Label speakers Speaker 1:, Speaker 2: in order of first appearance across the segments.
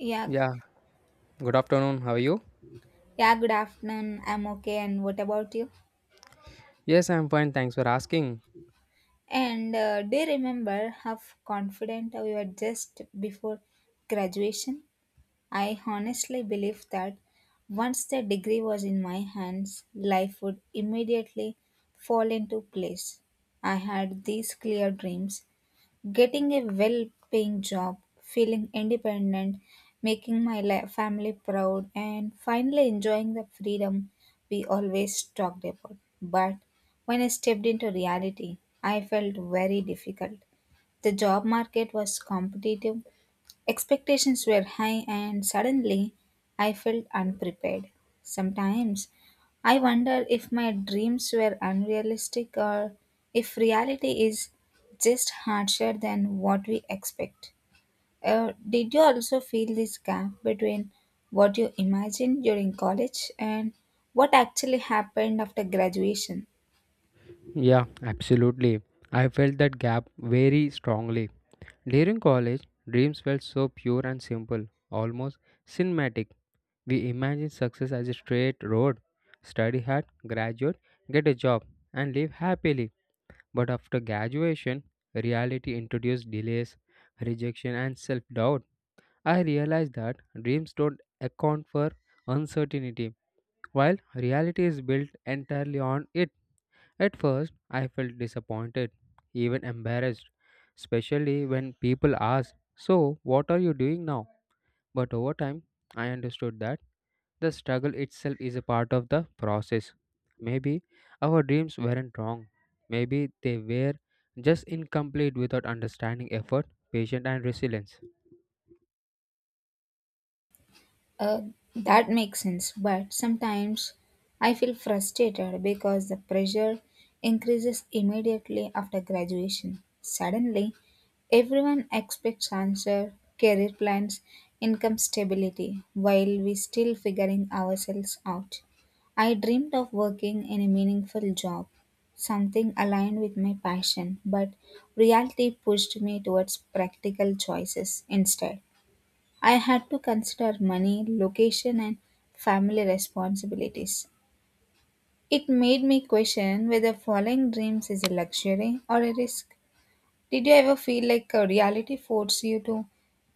Speaker 1: Yeah,
Speaker 2: Yeah, good afternoon. How are you?
Speaker 1: yeah, good afternoon. I'm okay. And what about you?
Speaker 2: Yes, I'm fine. Thanks for asking.
Speaker 1: And do you remember how confident we were just before graduation? I honestly believe that once the degree was in my hands, life would immediately fall into place. I had these clear dreams. Getting a well paying job, feeling independent, making family proud, and finally enjoying the freedom we always talked about. But when I stepped into reality, I felt very difficult. The job market was competitive. Expectations were high, and suddenly I felt unprepared. Sometimes I wonder if my dreams were unrealistic or if reality is just harsher than what we expect. Did you also feel this gap between what you imagined during college and what actually happened after graduation?
Speaker 2: Yeah, absolutely. I felt that gap very strongly. During college, dreams felt so pure and simple, almost cinematic. We imagined success as a straight road, study hard, graduate, get a job, and live happily. But after graduation, reality introduced delays, rejection, and self doubt. I realized that dreams don't account for uncertainty while reality is built entirely on it. At first, I felt disappointed, even embarrassed, especially when people ask, so, what are you doing now? But over time, I understood that the struggle itself is a part of the process. Maybe our dreams weren't wrong. Maybe they were just incomplete without understanding effort, patience, and resilience.
Speaker 1: Uh, that makes sense, but sometimes I feel frustrated because the pressure increases immediately after graduation. Suddenly, everyone expects answer, career plans, income stability, while we still figuring ourselves out. I dreamed of working in a meaningful job, something aligned with my passion, but reality pushed me towards practical choices instead. I had to consider money, location, and family responsibilities. It made me question whether following dreams is a luxury or a risk. Did you ever feel like a reality forced you to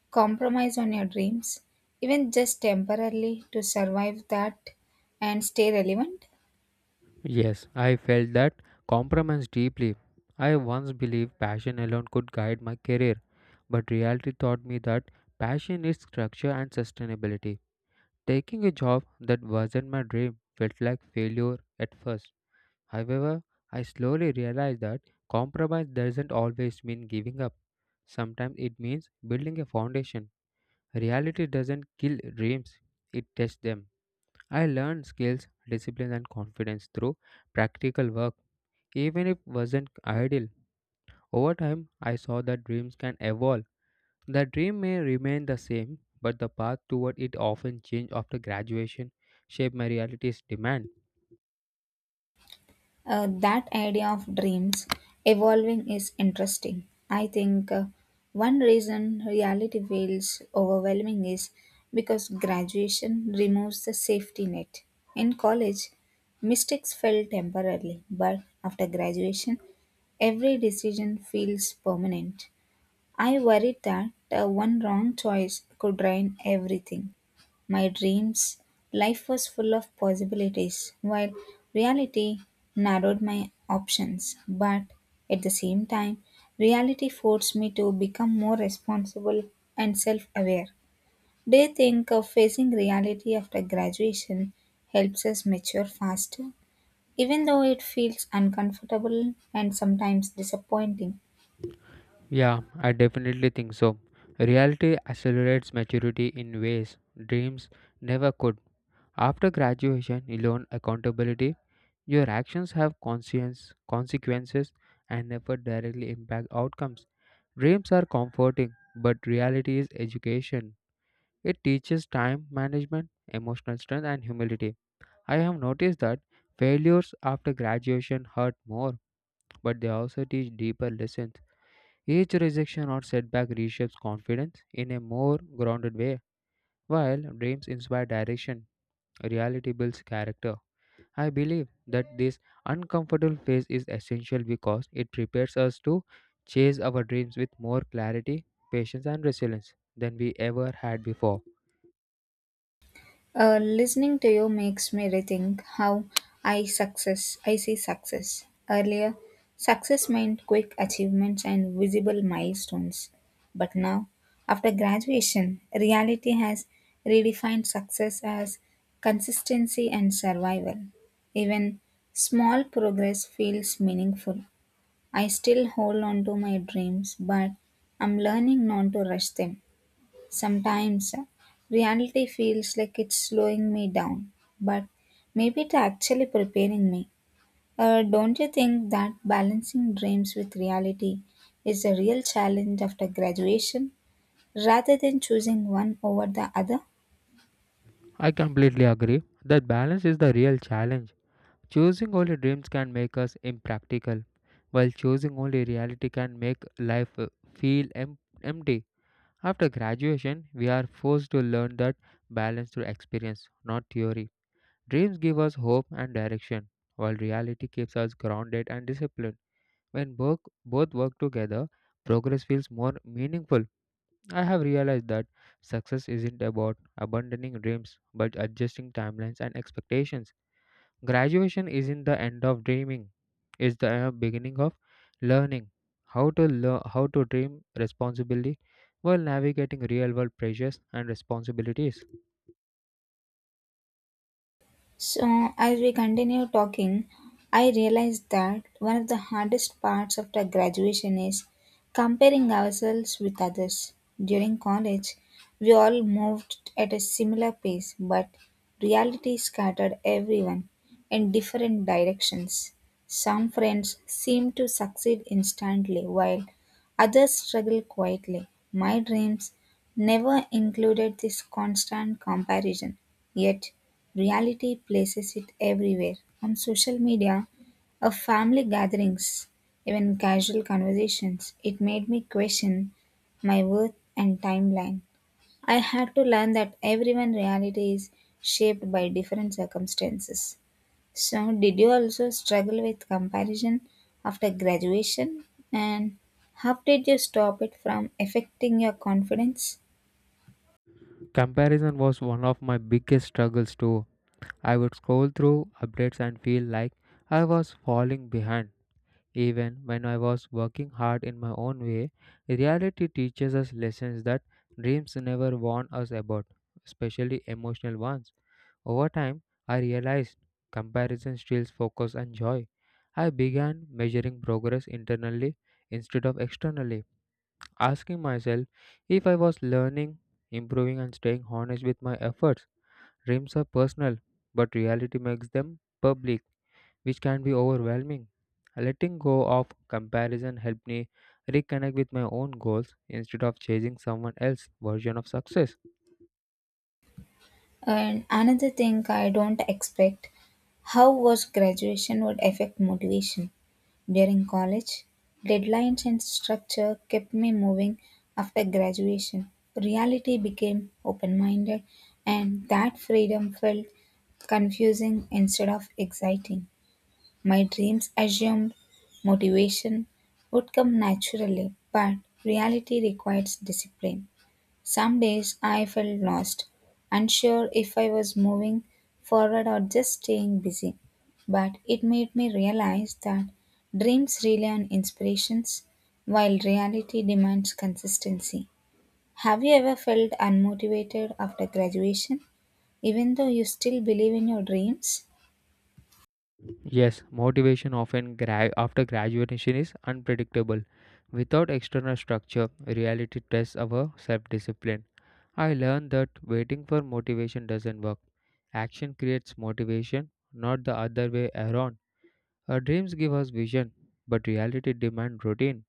Speaker 1: compromise on your dreams, even just temporarily, to survive that and stay relevant?
Speaker 2: Yes, I felt that compromise deeply. I once believed passion alone could guide my career, but reality taught me that passion is structure and sustainability. Taking a job that wasn't my dream felt like failure at first. However, I slowly realized that compromise doesn't always mean giving up. Sometimes it means building a foundation. Reality doesn't kill dreams, it tests them. I learned skills, discipline, and confidence through practical work even if wasn't ideal. Over time, I saw that dreams can evolve. The dream may remain the same, but the path toward it often change after graduation, shape my reality's demand.
Speaker 1: That idea of dreams evolving is interesting. I think one reason reality feels overwhelming is because graduation removes the safety net. In college, mistakes fell temporarily, but after graduation, every decision feels permanent. I worried that one wrong choice could drain everything. My dreams, life was full of possibilities, while reality narrowed my options. But at the same time, reality forced me to become more responsible and self aware. They think of facing reality after graduation helps us mature faster? Even though it feels uncomfortable and sometimes disappointing.
Speaker 2: Yeah, I definitely think so. Reality accelerates maturity in ways dreams never could. After graduation, you learn accountability. Your actions have conscience, consequences, and never directly impact outcomes. Dreams are comforting, but reality is education. It teaches time management, emotional strength, and humility. I have noticed that failures after graduation hurt more, but they also teach deeper lessons. Each rejection or setback reshapes confidence in a more grounded way. While dreams inspire direction, reality builds character. I believe that this uncomfortable phase is essential because it prepares us to chase our dreams with more clarity, patience, and resilience than we ever had before.
Speaker 1: Listening to you makes me rethink how I see success. Earlier, success meant quick achievements and visible milestones. But now, after graduation, reality has redefined success as consistency and survival. Even small progress feels meaningful. I still hold on to my dreams, but I'm learning not to rush them. Sometimes reality feels like it's slowing me down, but maybe it's actually preparing me. Don't you think that balancing dreams with reality is a real challenge after graduation rather than choosing one over the other?
Speaker 2: I completely agree that balance is the real challenge. Choosing only dreams can make us impractical, while choosing only reality can make life feel empty. After graduation, we are forced to learn that balance through experience, not theory. Dreams give us hope and direction, while reality keeps us grounded and disciplined. When both, both work together, progress feels more meaningful. I have realized that success isn't about abandoning dreams but adjusting timelines and expectations. Graduation isn't the end of dreaming, it's the beginning of learning learn how to dream responsibly while navigating real-world pressures and responsibilities.
Speaker 1: So, as we continue talking, I realized that one of the hardest parts of the graduation is comparing ourselves with others. During college, we all moved at a similar pace, but reality scattered everyone in different directions. Some friends seem to succeed instantly, while others struggle quietly. My dreams never included this constant comparison, yet reality places it everywhere, on social media, of family gatherings, even casual conversations. It made me question my worth and timeline. I had to learn that everyone's reality is shaped by different circumstances. So, did you also struggle with comparison after graduation? And how did you stop it from affecting your confidence?
Speaker 2: Comparison was one of my biggest struggles too. I would scroll through updates and feel like I was falling behind even when I was working hard in my own way. Reality teaches us lessons that dreams never warn us about, especially emotional ones. Over time, I realized comparison steals focus and joy. I began measuring progress internally instead of externally, asking myself if I was learning, improving, and staying honest with my efforts. Dreams are personal, but reality makes them public, which can be overwhelming. Letting go of comparison helped me reconnect with my own goals instead of chasing someone else's version of success.
Speaker 1: And another thing I don't expect how was graduation would affect motivation during college. Deadlines and structure kept me moving after graduation. Reality became open minded, and that freedom felt confusing instead of exciting. My dreams assumed motivation would come naturally, but reality requires discipline. Some days I felt lost, unsure if I was moving forward or just staying busy. But it made me realize that dreams rely on inspirations while reality demands consistency. Have you ever felt unmotivated after graduation, even though you still believe in your dreams?
Speaker 2: Yes, motivation often after graduation is unpredictable. Without external structure, reality tests our self discipline. I learned that waiting for motivation doesn't work. Action creates motivation, not the other way around. Our dreams give us vision, but reality demands routine.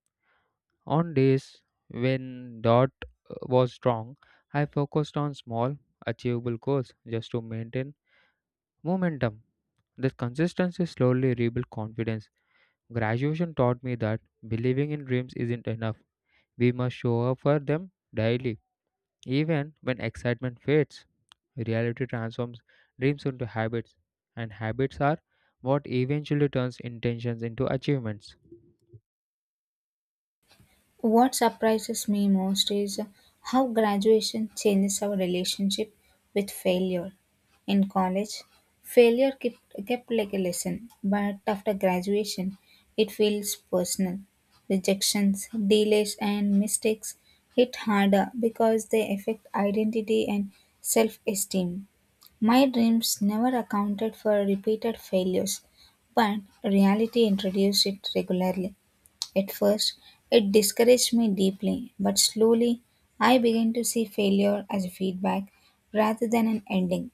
Speaker 2: On days when dot was strong, I focused on small, achievable goals just to maintain momentum. This consistency slowly rebuilt confidence. Graduation taught me that believing in dreams isn't enough. We must show up for them daily. Even when excitement fades, reality transforms dreams into habits, and habits are what eventually turns intentions into achievements.
Speaker 1: What surprises me most is how graduation changes our relationship with failure. In college, failure kept, kept like a lesson, but after graduation, it feels personal. Rejections, delays, and mistakes hit harder because they affect identity and self esteem. My dreams never accounted for repeated failures, but reality introduced it regularly. At first, it discouraged me deeply, but slowly I began to see failure as a feedback rather than an ending.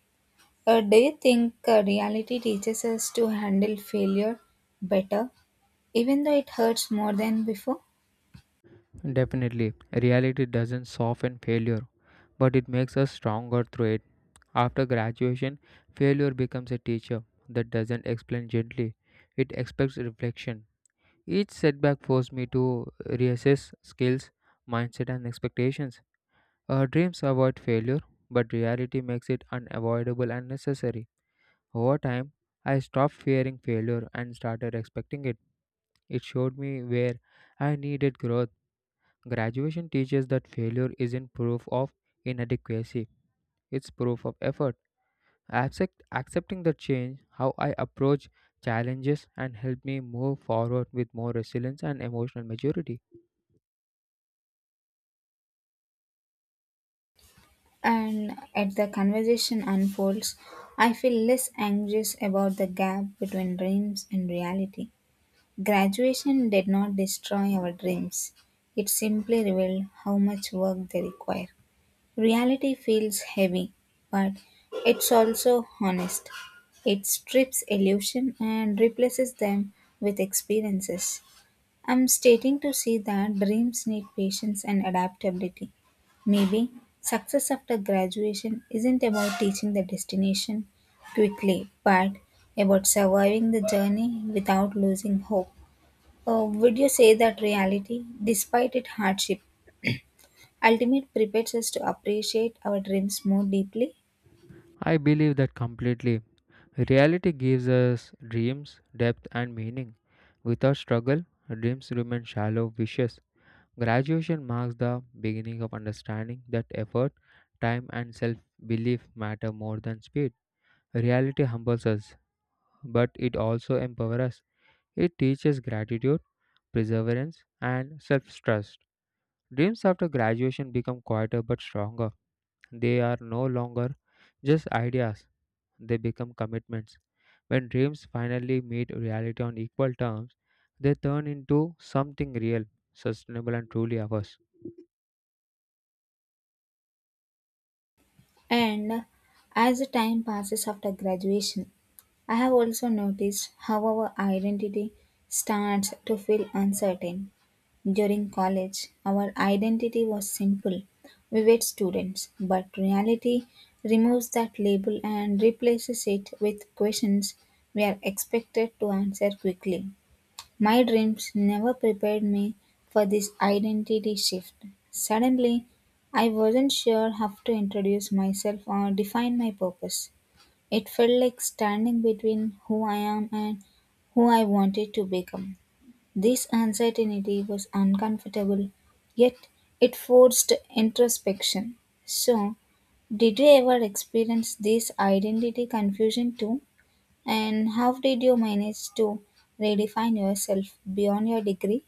Speaker 1: Do you think reality teaches us to handle failure better, even though it hurts more than before?
Speaker 2: Definitely, reality doesn't soften failure, but it makes us stronger through it. After graduation, failure becomes a teacher that doesn't explain gently, it expects reflection. Each setback forced me to reassess skills, mindset, and expectations. Our dreams avoid failure, but reality makes it unavoidable and necessary. Over time, I stopped fearing failure and started expecting it. It showed me where I needed growth. Graduation teaches that failure isn't proof of inadequacy, it's proof of effort. Accepting the change, how I approach challenges, and help me move forward with more resilience and emotional maturity.
Speaker 1: And as the conversation unfolds, I feel less anxious about the gap between dreams and reality. Graduation did not destroy our dreams, it simply revealed how much work they require. Reality feels heavy, but it's also honest. It strips illusion and replaces them with experiences. I'm stating to see that dreams need patience and adaptability. Maybe success after graduation isn't about teaching the destination quickly, but about surviving the journey without losing hope. Would you say that reality, despite its hardship, ultimate prepares us to appreciate our dreams more deeply?
Speaker 2: I believe that completely. Reality gives us dreams, depth, and meaning. Without struggle, dreams remain shallow wishes. Graduation marks the beginning of understanding that effort, time, and self belief matter more than speed. Reality humbles us, but it also empowers us. It teaches gratitude, perseverance, and self trust. Dreams after graduation become quieter but stronger. They are no longer just ideas, they become commitments. When dreams finally meet reality on equal terms, they turn into something real, sustainable, and truly ours.
Speaker 1: And as the time passes after graduation, I have also noticed how our identity starts to feel uncertain. During college, our identity was simple. We were students, but reality removes that label and replaces it with questions we are expected to answer quickly. My dreams never prepared me for this identity shift. Suddenly, I wasn't sure how to introduce myself or define my purpose. It felt like standing between who I am and who I wanted to become. This uncertainty was uncomfortable, yet it forced introspection. So, did you ever experience this identity confusion too? And how did you manage to redefine yourself beyond your degree?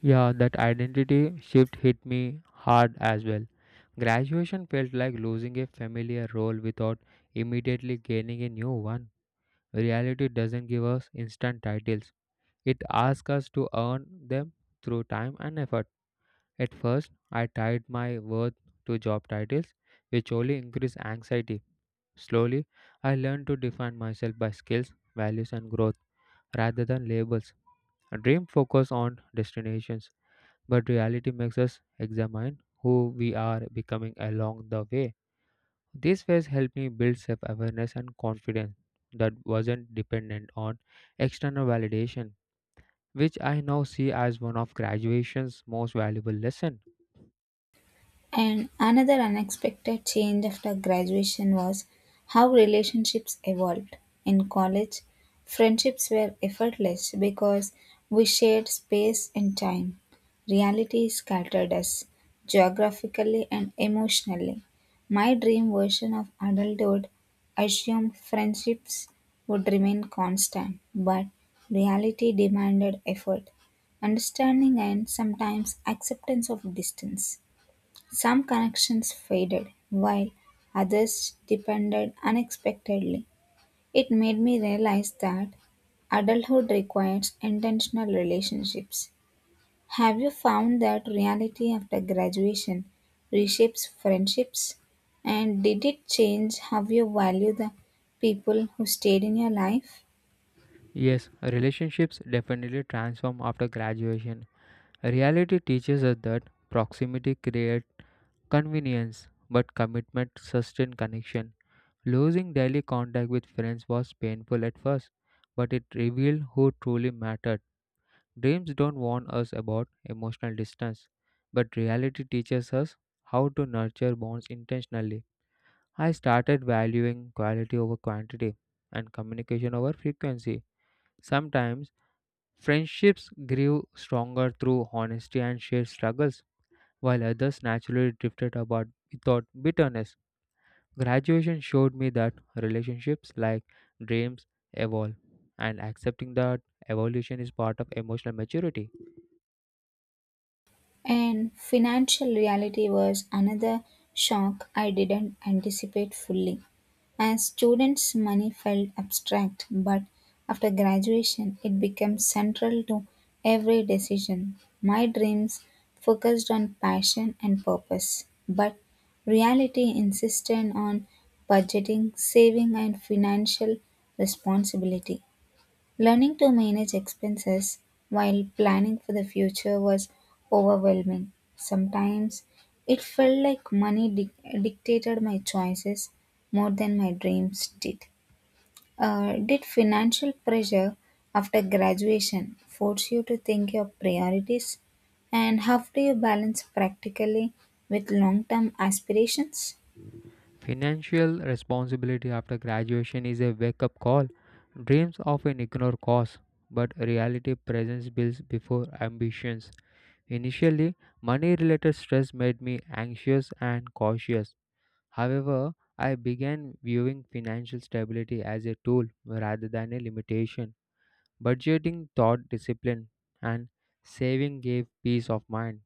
Speaker 2: Yeah, that identity shift hit me hard as well. Graduation felt like losing a familiar role without immediately gaining a new one. Reality doesn't give us instant titles, it asks us to earn them through time and effort. At first, I tied my worth to job titles, which only increase anxiety. Slowly, I learned to define myself by skills, values, and growth rather than labels. A dream focus on destinations, but reality makes us examine who we are becoming along the way. This phase helped me build self awareness and confidence that wasn't dependent on external validation, which I now see as one of graduation's most valuable lessons.
Speaker 1: And another unexpected change after graduation was how relationships evolved. In college, friendships were effortless because we shared space and time. Reality scattered us geographically and emotionally. My dream version of adulthood assumed friendships would remain constant, but reality demanded effort, understanding, and sometimes acceptance of distance. Some connections faded, while others depended unexpectedly. It made me realize that adulthood requires intentional relationships. Have you found that reality after graduation reshapes friendships? And did it change how you value the people who stayed in your life?
Speaker 2: Yes, relationships definitely transform after graduation. Reality teaches us that proximity creates convenience, but commitment sustains connection. Losing daily contact with friends was painful at first, but it revealed who truly mattered. Dreams don't warn us about emotional distance, but reality teaches us how to nurture bonds intentionally. I started valuing quality over quantity and communication over frequency. Sometimes friendships grew stronger through honesty and shared struggles, while others naturally drifted apart without bitterness. Graduation showed me that relationships, like dreams, evolve, and accepting that evolution is part of emotional maturity.
Speaker 1: And financial reality was another shock I didn't anticipate fully. As students, money felt abstract, but after graduation, it became central to every decision. My dreams focused on passion and purpose, but reality insisted on budgeting, saving, and financial responsibility. Learning to manage expenses while planning for the future was overwhelming. Sometimes it felt like dictated my choices more than my dreams did. Did financial pressure after graduation force you to think your priorities? And how do you balance practically with long term aspirations?
Speaker 2: Financial responsibility after graduation is a wake up call. Dreams often ignore costs, but reality presents bills before ambitions. Initially, money related stress made me anxious and cautious. However, I began viewing financial stability as a tool rather than a limitation. Budgeting taught discipline, and saving gave peace of mind.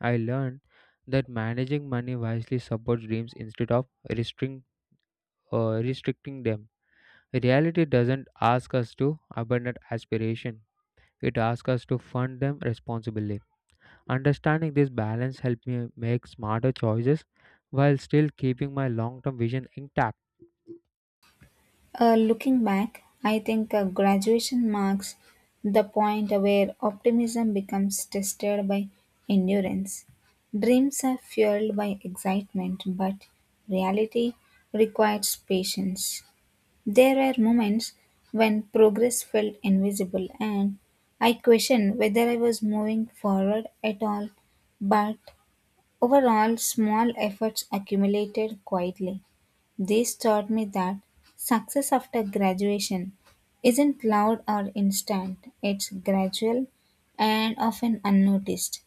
Speaker 2: I learned that managing money wisely supports dreams instead of restricting restricting them. Reality doesn't ask us to abandon aspiration, it asks us to fund them responsibly. Understanding this balance helped me make smarter choices while still keeping my long term vision intact.
Speaker 1: Looking back, I think graduation marks the point where optimism becomes tested by endurance. Dreams are fueled by excitement, but reality requires patience. There were moments when progress felt invisible, and I questioned whether I was moving forward at all, but overall, small efforts accumulated quietly. This taught me that success after graduation isn't loud or instant, it's gradual and often unnoticed.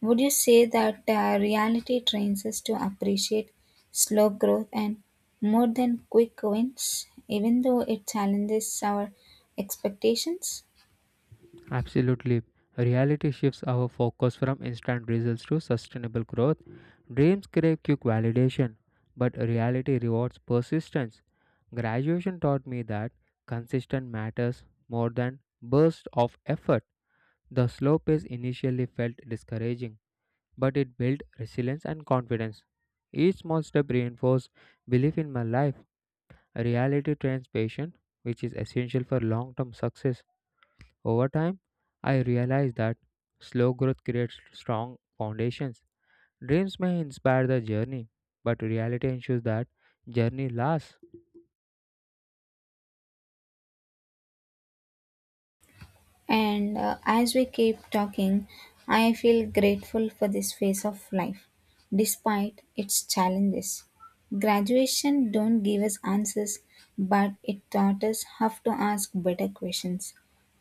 Speaker 1: Would you say that reality trains us to appreciate slow growth and more than quick wins, even though it challenges our expectations?
Speaker 2: Absolutely. Reality shifts our focus from instant results to sustainable growth. Dreams crave quick validation, but reality rewards persistence. Graduation taught me that consistent matters more than bursts of effort. The slow pace initially felt discouraging, but it built resilience and confidence. Each small step reinforced belief in my life. Reality trains patience, which is essential for long term success. Over time, I realized that slow growth creates strong foundations. Dreams may inspire the journey, but reality ensures that journey lasts.
Speaker 1: And as we keep talking, I feel grateful for this phase of life, despite its challenges. Graduation don't give us answers, but it taught us how to ask better questions.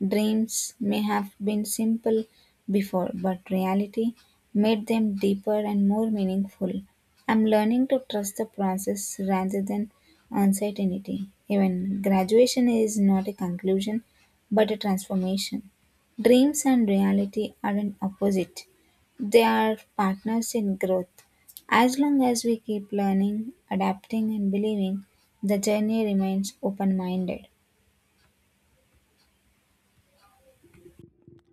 Speaker 1: Dreams may have been simple before, but reality made them deeper and more meaningful. I'm learning to trust the process rather than uncertainty. Even graduation is not a conclusion, but a transformation. Dreams and reality aren't opposite, they are partners in growth. As long as we keep learning, adapting, and believing, the journey remains open minded.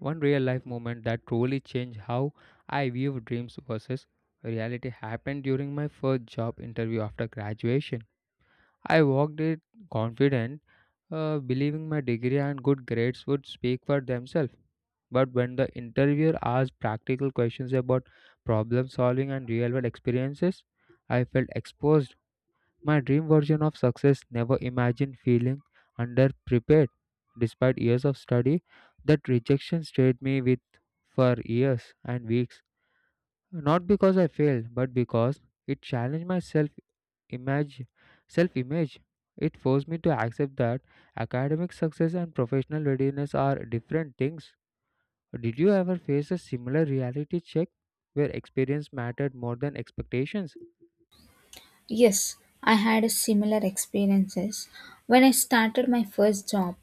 Speaker 2: One real life moment that truly changed how I view dreams versus reality happened during my first job interview after graduation. I walked it confident, believing my degree and good grades would speak for themselves. But when the interviewer asked practical questions about problem solving and real world experiences, I felt exposed, my dream version of success never imagined feeling underprepared. Despite years of study, that rejection stayed me with for years and weeks. Not because I failed, but because it challenged my image self image. It forced me to accept that academic success and professional readiness are different things. Did you ever face a similar reality check where experience mattered more than expectations?
Speaker 1: Yes, I had a similar experiences. When I started my first job,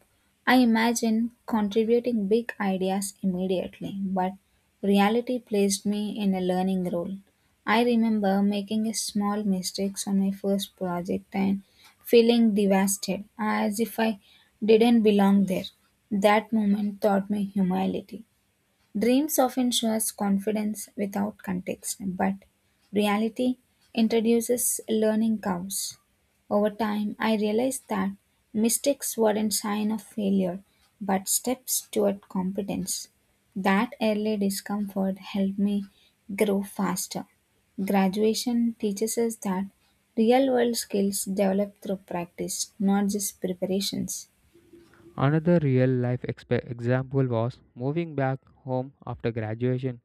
Speaker 1: I imagined contributing big ideas immediately, but reality placed me in a learning role. I remember making a small mistakes on my first project and feeling devastated as if I didn't belong there. That moment taught me humility. Dreams often show us confidence without context, but reality introduces learning curves. Over time, I realized that mistakes weren't sign of failure, but steps toward competence. That early discomfort helped me grow faster. Graduation teaches us that real world skills develop through practice, not just preparations.
Speaker 2: Another real life example was moving back home after graduation.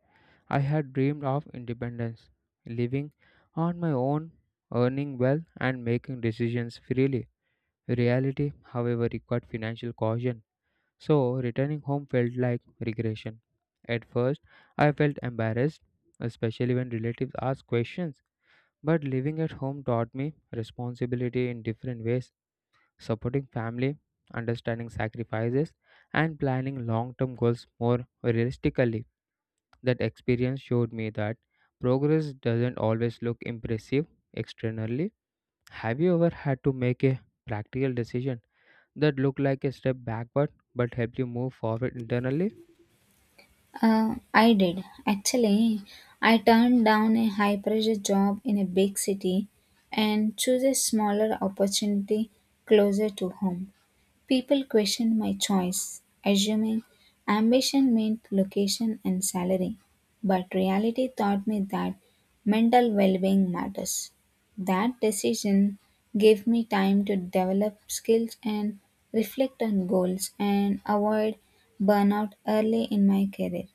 Speaker 2: I had dreamed of independence, living on my own, earning well, and making decisions freely. Reality, however, required financial caution, so returning home felt like regression. At first, I felt embarrassed, especially when relatives asked questions, but living at home taught me responsibility in different ways, supporting family, understanding sacrifices, and planning long term goals more realistically. That experience showed me that progress doesn't always look impressive externally. Have you ever had to make a practical decision that looked like a step backward but helped you move forward internally?
Speaker 1: I did. Actually, I turned down a high pressure job in a big city and chose a smaller opportunity closer to home. People questioned my choice, assuming ambition meant location and salary. But reality taught me that mental well being matters. That decision gave me time to develop skills and reflect on goals and avoid burnout early in my career.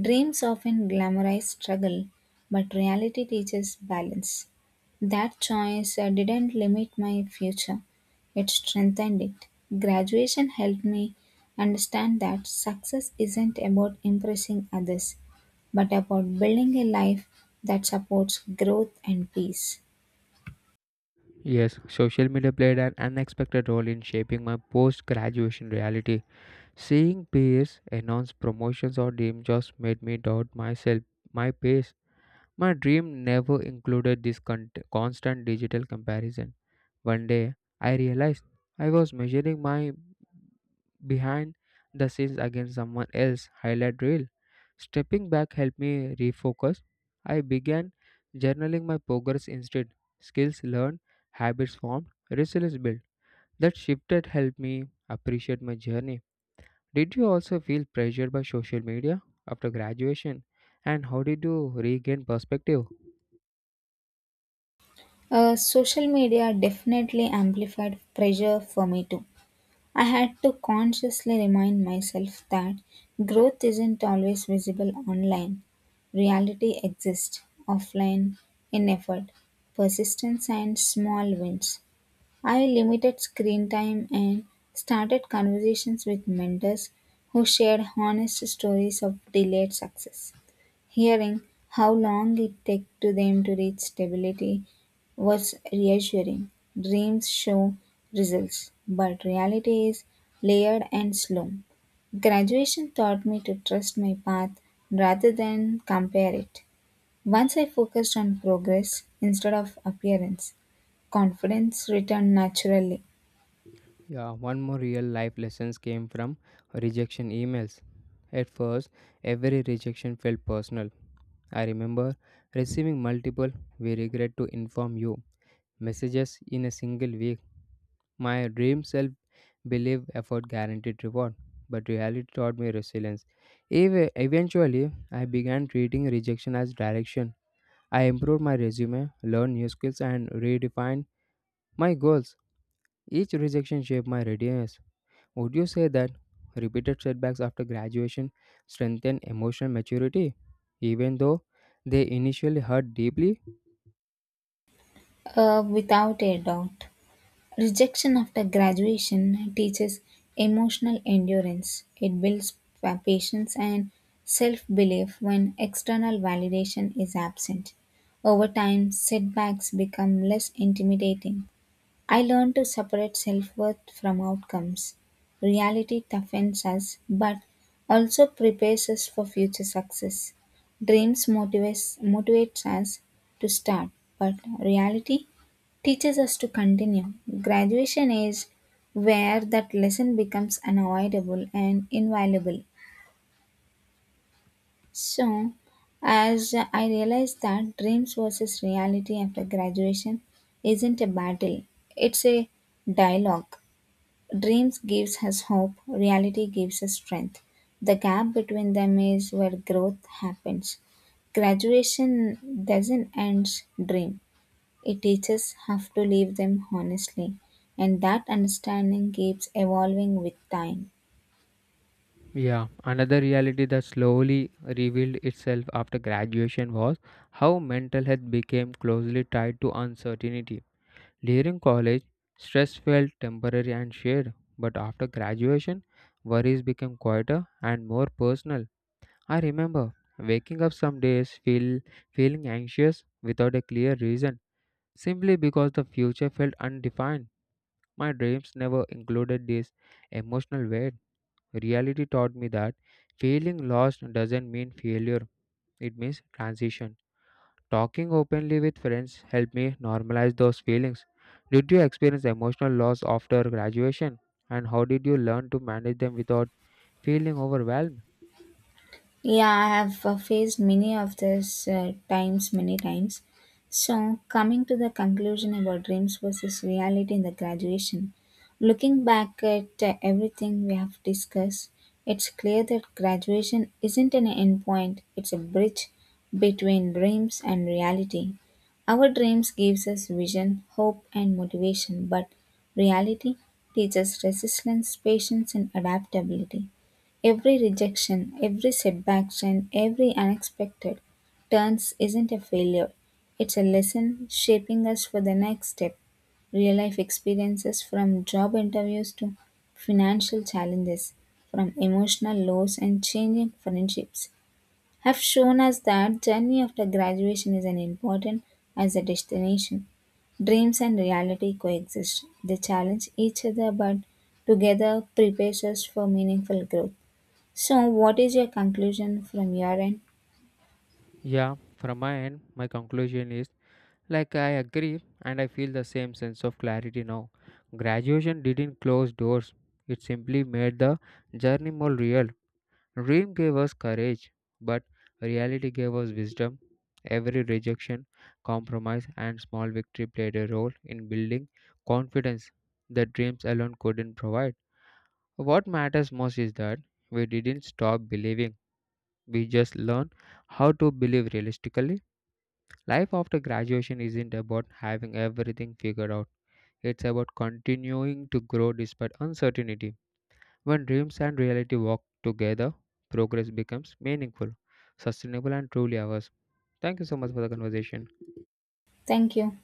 Speaker 1: Dreams often glamorize struggle, but reality teaches balance. That choice didn't limit my future, it strengthened it. Graduation helped me understand that success isn't about impressing others, but about building a life that supports growth and peace.
Speaker 2: Yes, social media played an unexpected role in shaping my post graduation reality. Seeing peers announce promotions or dream jobs made me doubt myself, my pace. My dream never included this constant digital comparison. One day, I realized I was measuring my behind the scenes against someone else highlight reel. Stepping back helped me refocus. I began journaling my progress instead. Skills learned, habits formed, resilience built. That shifted helped me appreciate my journey. Did you also feel pressured by social media after graduation? And how did you regain perspective?
Speaker 1: Social media definitely amplified pressure for me too. I had to consciously remind myself that growth isn't always visible online. Reality exists offline in effort, persistence, and small wins. I limited screen time and started conversations with mentors who shared honest stories of delayed success. Hearing how long it took to them to reach stability was reassuring. Dreams show results, but reality is layered and slow. Graduation taught me to trust my path rather than compare it. Once I focused on progress instead of appearance, confidence returned naturally.
Speaker 2: Yeah, one more real life lessons came from rejection emails. At first, every rejection felt personal. I remember receiving multiple "We regret to inform you" messages in a single week. My dream self believe effort guaranteed reward, but reality taught me resilience. Eventually, I began treating rejection as direction. I improved my resume, learned new skills, and redefined my goals. Each rejection shaped my readiness. Would you say that repeated setbacks after graduation strengthen emotional maturity, even though they initially hurt deeply?
Speaker 1: Uh, without a doubt. Rejection after graduation teaches emotional endurance. It builds patience and self belief when external validation is absent. Over time, setbacks become less intimidating. I learned to separate self worth from outcomes. Reality toughens us but also prepares us for future success. Motivates us to start, but reality teaches us to continue. Graduation is where that lesson becomes unavoidable and invaluable. So, as I realized that dreams versus reality after graduation isn't a battle, it's a dialogue. Dreams gives us hope, reality gives us strength. The gap between them is where growth happens. Graduation doesn't end dream. It teaches have to live them honestly, and that understanding keeps evolving with time.
Speaker 2: Yeah, another reality that slowly revealed itself after graduation was how mental health became closely tied to uncertainty. During college, stress felt temporary and shared, but after graduation, worries became quieter and more personal. I remember waking up some days feeling anxious without a clear reason, simply because the future felt undefined. My dreams never included this emotional weight. Reality taught me that feeling lost doesn't mean failure, it means transition. Talking openly with friends helped me normalize those feelings. Did you experience emotional loss after graduation? And how did you learn to manage them without feeling overwhelmed?
Speaker 1: Yeah, I have faced many of these times many times. So, coming to the conclusion about dreams versus reality in the graduation, looking back at everything we have discussed, it's clear that graduation isn't an end point, it's a bridge between dreams and reality. Our dreams gives us vision, hope and motivation, but reality teaches resilience, patience and adaptability. Every rejection, every setback, and every unexpected turns isn't a failure. It's a lesson shaping us for the next step. Real life experiences from job interviews to financial challenges, from emotional lows and changing friendships, have shown us that journey after graduation is as important as the destination. Dreams and reality coexist. They challenge each other, but together prepares us for meaningful growth. So, what is your conclusion from your end?
Speaker 2: Yeah, from my end, my conclusion is like I agree and I feel the same sense of clarity now. Graduation didn't close doors, it simply made the journey more real. Dream gave us courage, but reality gave us wisdom. Every rejection, compromise, and small victory played a role in building confidence that dreams alone couldn't provide. What matters most is that we didn't stop believing, we just learned how to believe realistically. Life after graduation isn't about having everything figured out, it's about continuing to grow despite uncertainty. When dreams and reality walk together, progress becomes meaningful, sustainable, and truly ours. Thank you so much for the conversation.
Speaker 1: Thank you.